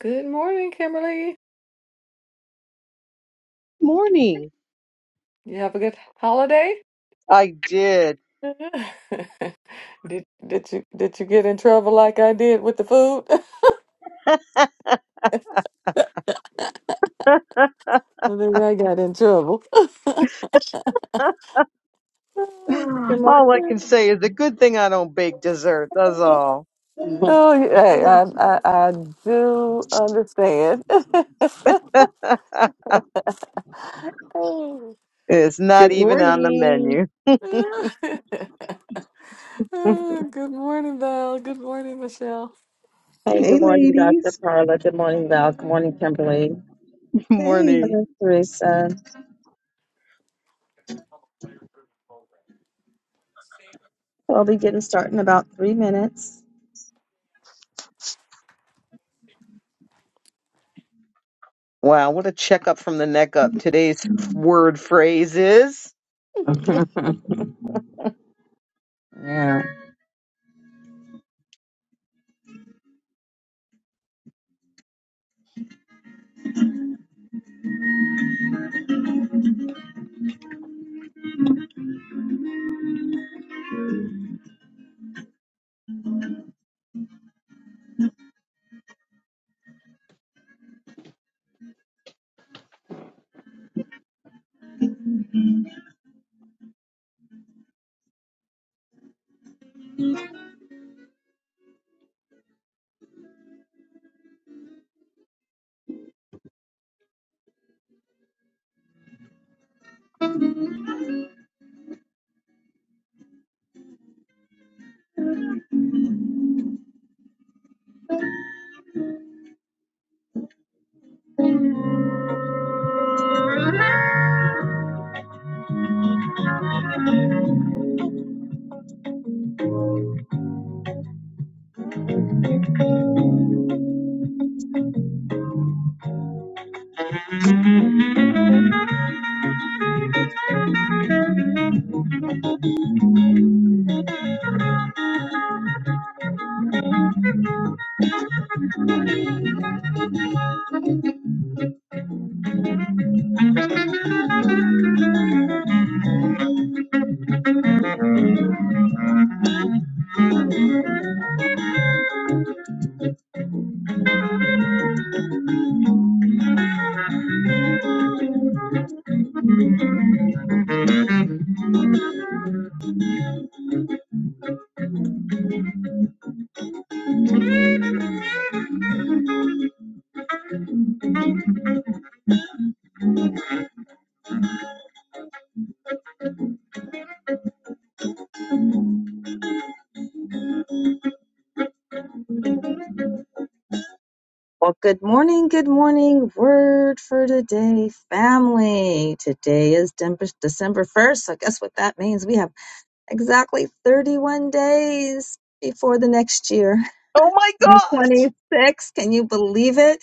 Good morning, Kimberly. morning. You have a good holiday? I did. Did did you did you get in trouble like I did with the food? I think I got in trouble. Good morning. all I can say is a good thing I don't bake dessert. That's all. Oh, yeah, hey, I, I I do understand. Oh. it's not Good even on the morning. menu. Oh, Good morning, Val. Good morning, Michelle. Hey, good Hey, morning, Dr. ladies. Carla. Good morning, Val. Good morning, Kimberly. Good Hey. morning. morning, Teresa. I'll be getting started in about three minutes. Wow, what a checkup from the neck up. Today's word phrase is Yeah. Well, good morning, good morning. Word for today, family. Today is Dem- December 1st. I guess what that means? We have exactly 31 days before the next year. Oh my gosh! 2026. Can you believe it?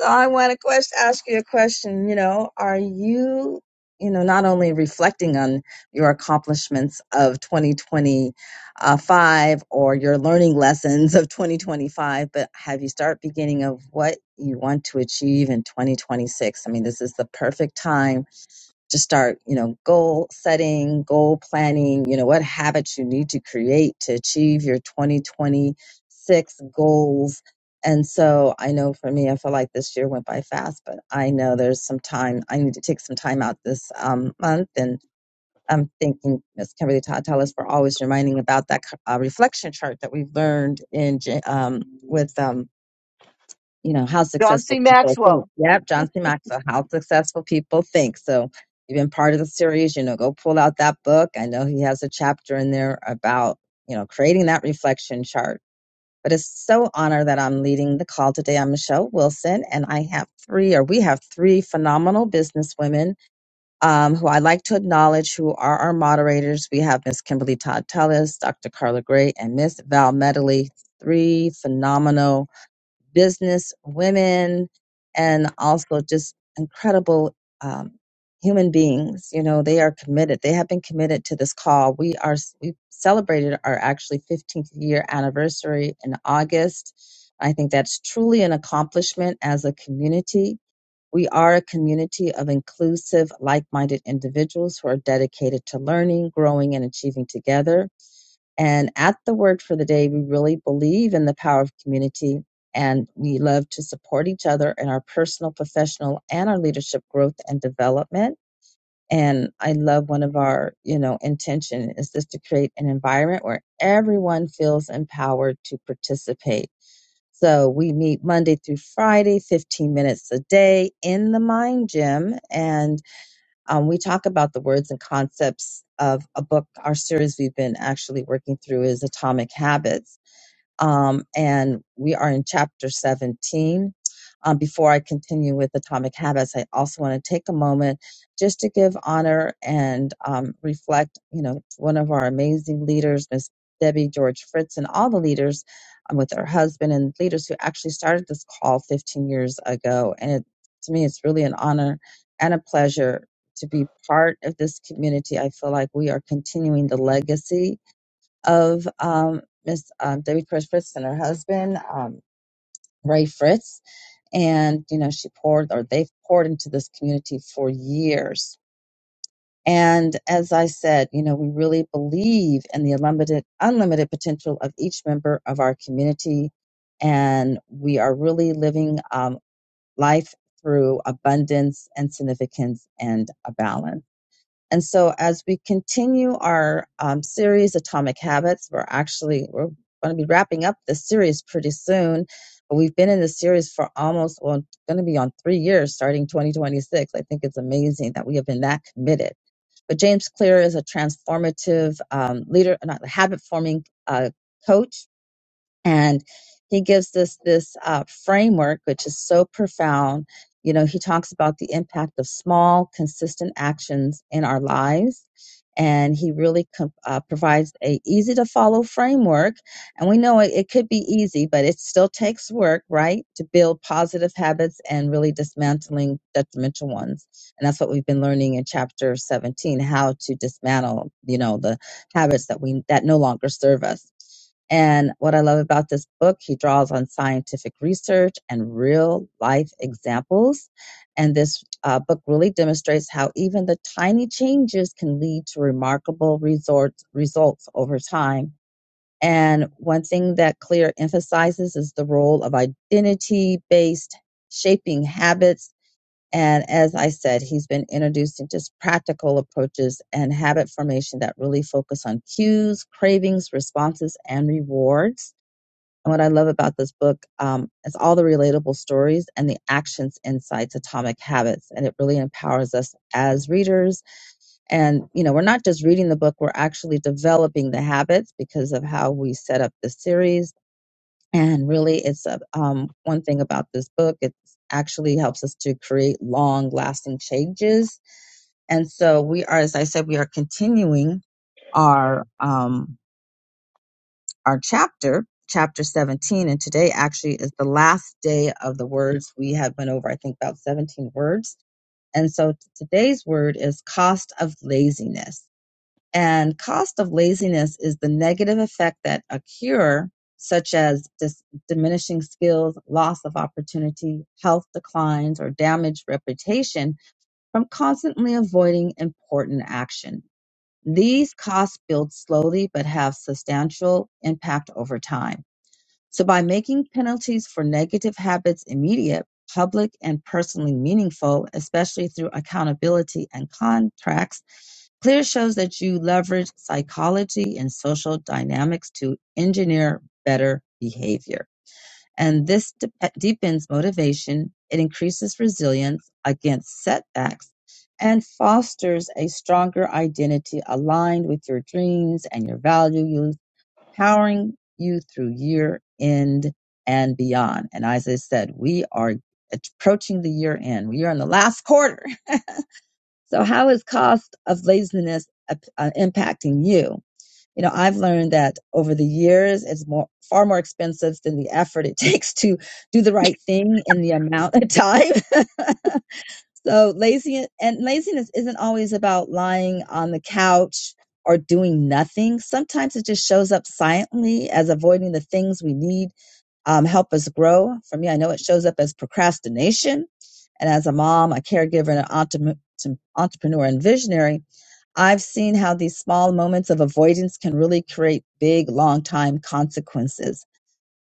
So I want to question, ask you a question. You know, are you, you know, not only reflecting on your accomplishments of 2025 or your learning lessons of 2025, but have you start beginning of what you want to achieve in 2026? I mean, this is the perfect time to start, you know, goal setting, goal planning, you know, what habits you need to create to achieve your 2026 goals. And so I know for me, I feel like this year went by fast, but I know there's some time. I need to take some time out this um, month. And I'm thinking, Miss Kimberly Todd Tellis, we're always reminding about that uh, reflection chart that we've learned in Jan- um, with um, you know, how John C. successful people think. Maxwell. Yep, John C. Maxwell, how successful people think. So you've been part of the series, you know, go pull out that book. I know he has a chapter in there about, you know, creating that reflection chart. But it's so honor that I'm leading the call today. I'm Michelle Wilson, and I have three, or we have three phenomenal businesswomen um, who I like to acknowledge, who are our moderators. We have Miss Kimberly Todd Tellis, Dr. Carla Gray, and Miss Val Medley. Three phenomenal business women and also just incredible um, human beings. You know, they are committed. They have been committed to this call. We are we celebrated our actually 15th year anniversary in August. I think that's truly an accomplishment as a community. We are a community of inclusive, like minded individuals who are dedicated to learning, growing, and achieving together. And at the Word for the Day, we really believe in the power of community and we love to support each other in our personal, professional, and our leadership growth and development. And I love one of our, you know, intention is just to create an environment where everyone feels empowered to participate. So we meet Monday through Friday, 15 minutes a day in the Mind Gym. And um, we talk about the words and concepts of a book. Our series we've been actually working through is Atomic Habits um, and we are in chapter 17. Um, before I continue with Atomic Habits, I also want to take a moment just to give honor and um, reflect, you know, one of our amazing leaders, Miss Debbie George Fritz, and all the leaders um, with her husband and leaders who actually started this call 15 years ago. And it, to me, it's really an honor and a pleasure to be part of this community. I feel like we are continuing the legacy of um, Miss um, Debbie Chris Fritz and her husband, um, Ray Fritz. And, you know, she poured or they've poured into this community for years. And as I said, you know, we really believe in the unlimited, unlimited potential of each member of our community. And we are really living um, life through abundance and significance and a balance. And so, as we continue our um, series, Atomic Habits, we're actually we're going to be wrapping up this series pretty soon. But we've been in this series for almost well, going to be on three years, starting 2026. I think it's amazing that we have been that committed. But James Clear is a transformative um, leader, not habit forming uh, coach and he gives us this uh, framework which is so profound you know he talks about the impact of small consistent actions in our lives and he really com- uh, provides a easy to follow framework and we know it, it could be easy but it still takes work right to build positive habits and really dismantling detrimental ones and that's what we've been learning in chapter 17 how to dismantle you know the habits that we that no longer serve us and what I love about this book, he draws on scientific research and real life examples. And this uh, book really demonstrates how even the tiny changes can lead to remarkable resorts, results over time. And one thing that Clear emphasizes is the role of identity based shaping habits. And as I said, he's been introducing just practical approaches and habit formation that really focus on cues, cravings, responses, and rewards. And what I love about this book um, is all the relatable stories and the actions, insights, atomic habits, and it really empowers us as readers. And you know, we're not just reading the book; we're actually developing the habits because of how we set up the series. And really, it's a, um, one thing about this book; it actually helps us to create long-lasting changes. And so, we are, as I said, we are continuing our um, our chapter, chapter 17, and today actually is the last day of the words we have went over, I think about 17 words. And so t- today's word is cost of laziness. And cost of laziness is the negative effect that a cure, such as dis- diminishing skills, loss of opportunity, health declines, or damaged reputation from constantly avoiding important action. These costs build slowly but have substantial impact over time. So, by making penalties for negative habits immediate, public, and personally meaningful, especially through accountability and contracts, CLEAR shows that you leverage psychology and social dynamics to engineer better behavior and this dep deepens motivation. It increases resilience against setbacks and fosters a stronger identity aligned with your dreams and your values, powering you through year end and beyond. And as I said, we are approaching the year end. We are in the last quarter. So how is cost of laziness uh, uh, impacting you? you know i've learned that over the years it's more far more expensive than the effort it takes to do the right thing in the amount of time so laziness and laziness isn't always about lying on the couch or doing nothing sometimes it just shows up silently as avoiding the things we need um, help us grow for me i know it shows up as procrastination and as a mom a caregiver and an entrepreneur entrepreneur and visionary I've seen how these small moments of avoidance can really create big, long time consequences.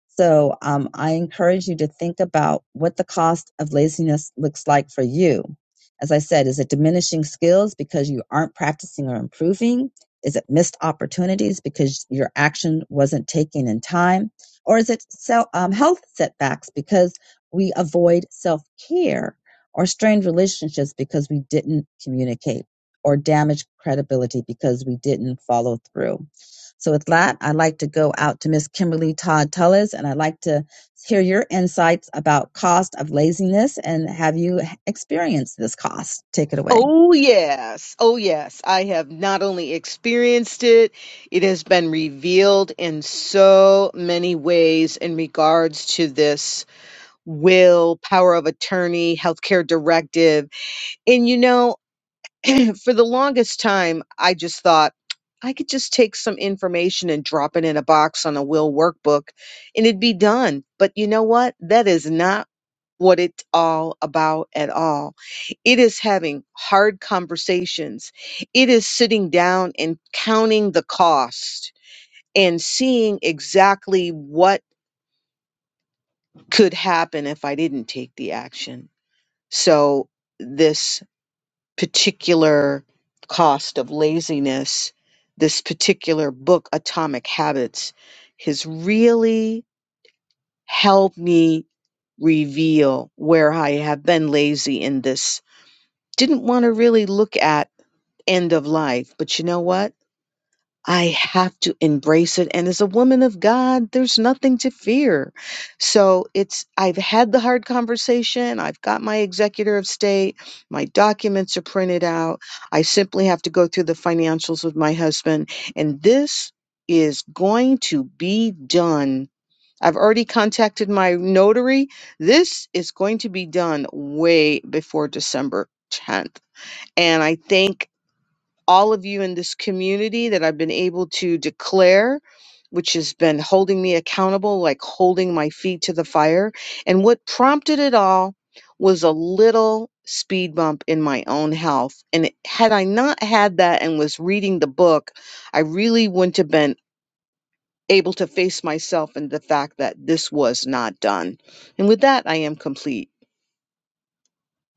So um, I encourage you to think about what the cost of laziness looks like for you. As I said, is it diminishing skills because you aren't practicing or improving? Is it missed opportunities because your action wasn't taken in time? Or is it self, um, health setbacks because we avoid self care or strained relationships because we didn't communicate or damaged credibility because we didn't follow through? So with that, I'd like to go out to Miss Kimberly Todd Tullis and I'd like to hear your insights about cost of laziness and have you experienced this cost? Take it away. Oh yes, oh yes. I have not only experienced it, it has been revealed in so many ways in regards to this will, power of attorney, healthcare directive. And you know, for the longest time, I just thought I could just take some information and drop it in a box on a will workbook and it'd be done. But you know what? That is not what it's all about at all. It is having hard conversations. It is sitting down and counting the cost and seeing exactly what could happen if I didn't take the action So this particular cost of laziness, this particular book, Atomic Habits, has really helped me reveal where I have been lazy in this. Didn't want to really look at end of life, but you know what? I have to embrace it. And as a woman of God, there's nothing to fear. So it's, I've had the hard conversation. I've got my executor of state. My documents are printed out. I simply have to go through the financials with my husband. And this is going to be done. I've already contacted my notary. This is going to be done way before December 10th. And I think all of you in this community that I've been able to declare, which has been holding me accountable, like holding my feet to the fire. And what prompted it all was a little speed bump in my own health. And it- had I not had that and was reading the book, I really wouldn't have been able to face myself and the fact that this was not done. And with that, I am complete.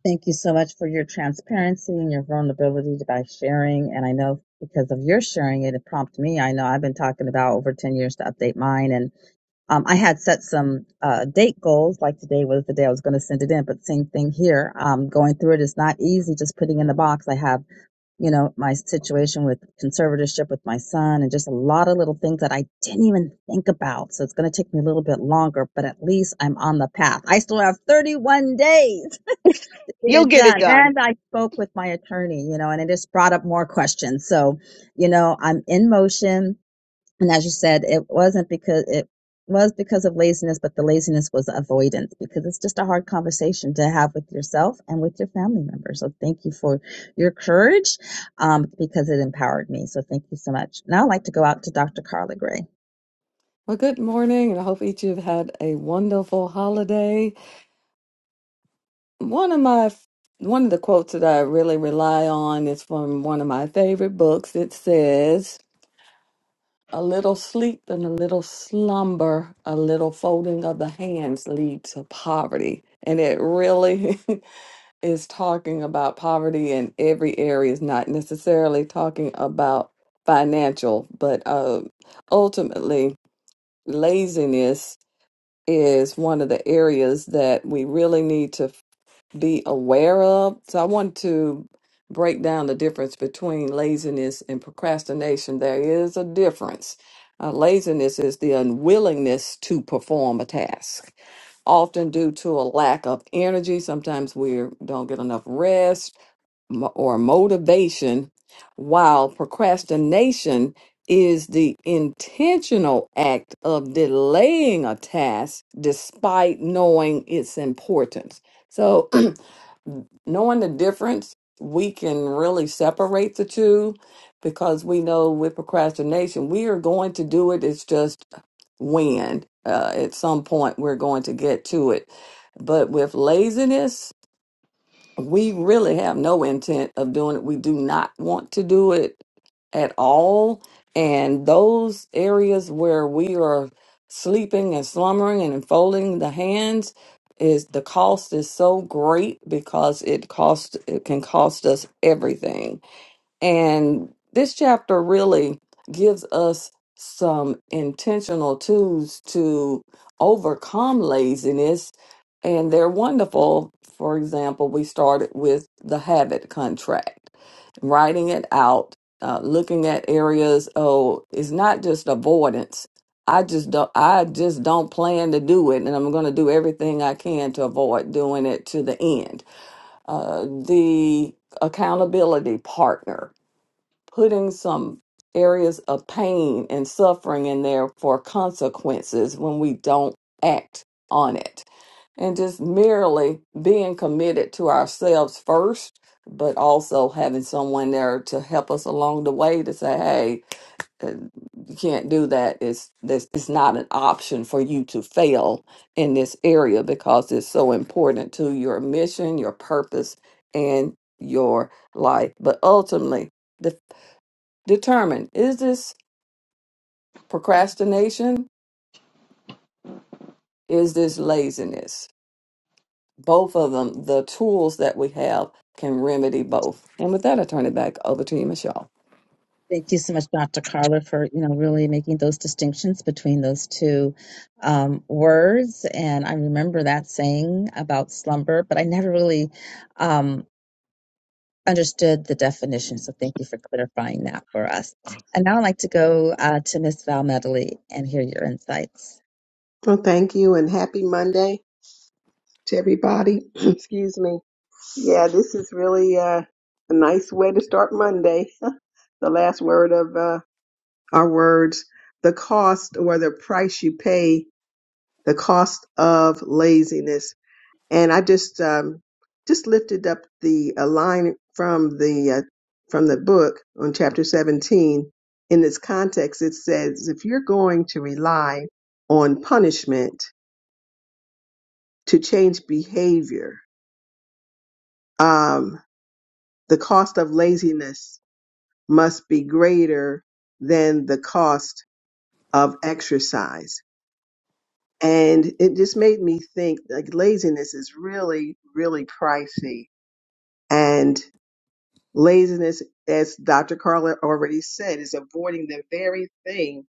Thank you so much for your transparency and your vulnerability to- by sharing. And I know because of your sharing it, it prompted me. I know I've been talking about over 10 years to update mine. And um, I had set some uh, date goals, like today was the day I was going to send it in. But same thing here. Um, going through it is not easy just putting in the box. I have, you know, my situation with conservatorship with my son and just a lot of little things that I didn't even think about. So it's going to take me a little bit longer, but at least I'm on the path. I still have 31 days get You'll it get it done. done. And I spoke with my attorney, you know, and it just brought up more questions. So, you know, I'm in motion. And as you said, it wasn't because it was because of laziness, but the laziness was avoidance because it's just a hard conversation to have with yourself and with your family members. So thank you for your courage um, because it empowered me. So thank you so much. Now I'd like to go out to Dr. Carla Gray. Well, good morning, and I hope each of you have had a wonderful holiday. One of my one of the quotes that I really rely on is from one of my favorite books. It says, "A little sleep and a little slumber, a little folding of the hands lead to poverty." And it really is talking about poverty in every area. It's not necessarily talking about financial, but uh, ultimately, laziness is one of the areas that we really need to be aware of. So I want to break down the difference between laziness and procrastination. There is a difference. Uh, laziness is the unwillingness to perform a task, often due to a lack of energy. Sometimes we don't get enough rest mo- or motivation, while procrastination is the intentional act of delaying a task despite knowing its importance. So, knowing the difference, we can really separate the two because we know with procrastination, we are going to do it. It's just when uh, at some point we're going to get to it. But with laziness, we really have no intent of doing it. We do not want to do it at all. And those areas where we are sleeping and slumbering and folding the hands is the cost is so great because it cost it can cost us everything. And this chapter really gives us some intentional tools to overcome laziness, and they're wonderful. For example, we started with the habit contract, writing it out, uh, looking at areas. Oh, it's not just avoidance. I just don't. I just don't plan to do it, and I'm going to do everything I can to avoid doing it to the end. Uh, the accountability partner putting some areas of pain and suffering in there for consequences when we don't act on it and just merely being committed to ourselves first but also having someone there to help us along the way to say hey uh, you can't do that it's this it's not an option for you to fail in this area because it's so important to your mission your purpose and your life but ultimately Determine is this procrastination? Is this laziness? Both of them, the tools that we have can remedy both. And with that, I turn it back over to you, Michelle. Thank you so much, Dr. Carla, for you know really making those distinctions between those two um, words. And I remember that saying about slumber, but I never really um, understood the definition. So thank you for clarifying that for us. And now I'd like to go uh, to Miss Val Medley and hear your insights. Well, thank you and happy Monday to everybody. Excuse me. Yeah, this is really uh, a nice way to start Monday. the last word of uh, our words the cost or the price you pay, the cost of laziness. and I just um, just lifted up the a line from the uh, from the book on chapter 17. In this context, it says, if you're going to rely on punishment to change behavior, um, the cost of laziness must be greater than the cost of exercise. And it just made me think like laziness is really, really pricey. And Laziness, as Dr. Carla already said, is avoiding the very thing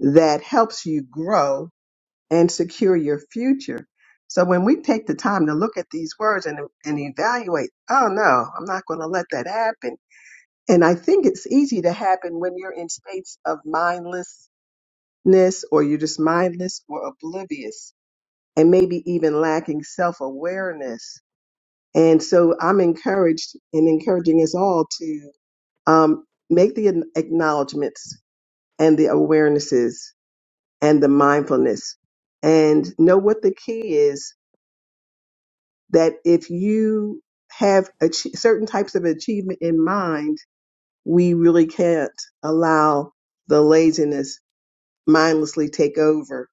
that helps you grow and secure your future. So when we take the time to look at these words and, and evaluate, oh no, I'm not going to let that happen. And I think it's easy to happen when you're in states of mindlessness or you're just mindless or oblivious and maybe even lacking self awareness. And so I'm encouraged and encouraging us all to um, make the an- acknowledgments and the awarenesses and the mindfulness and know what the key is that if you have ach- certain types of achievement in mind, we really can't allow the laziness mindlessly take over.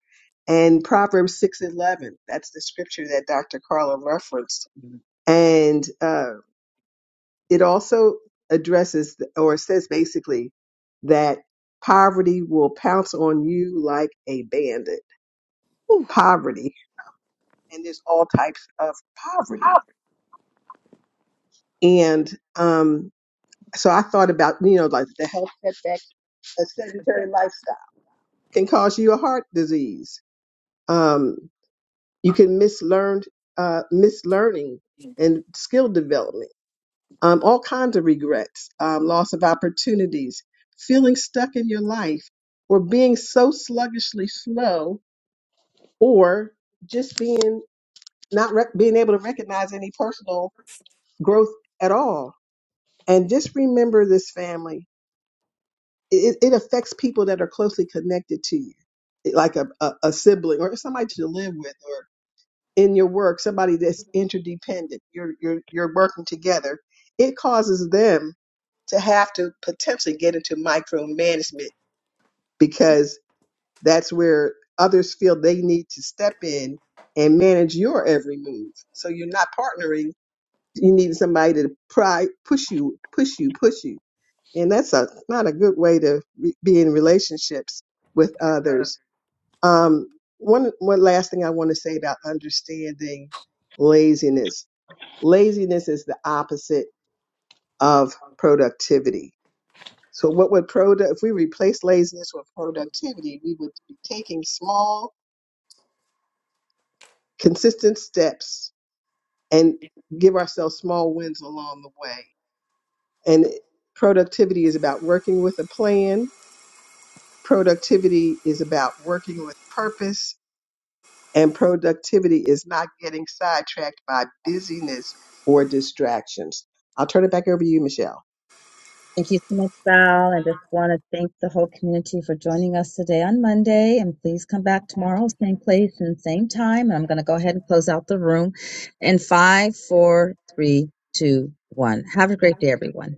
And Proverbs 6:11, that's the scripture that Dr. Carla referenced. And uh, it also addresses th- or says basically that poverty will pounce on you like a bandit. Poverty, and there's all types of poverty. And um, so I thought about, you know, like the health setback, a sedentary lifestyle can cause you a heart disease. Um, you can miss learned, uh, miss learning and skill development um, all kinds of regrets, um, loss of opportunities, feeling stuck in your life, or being so sluggishly slow, or just being not rec- being able to recognize any personal growth at all. And just remember this family. It, it affects people that are closely connected to you, like a, a, a sibling or somebody to live with in your work, somebody that's interdependent, you're you're you're working together, it causes them to have to potentially get into micromanagement because that's where others feel they need to step in and manage your every move. So you're not partnering. You need somebody to pry, push you, push you, push you, and that's a not a good way to re- be in relationships with others um, one one last thing I want to say about understanding laziness. Laziness is the opposite of productivity. So what would product if we replace laziness with productivity, we would be taking small, consistent steps and give ourselves small wins along the way. And productivity is about working with a plan. Productivity is about working with purpose and productivity is not getting sidetracked by busyness or distractions. I'll turn it back over to you, Michelle. Thank you so much, Val. I just want to thank the whole community for joining us today on Monday. And please come back tomorrow, same place and same time. And I'm going to go ahead and close out the room in five, four, three, two, one. Have a great day, everyone.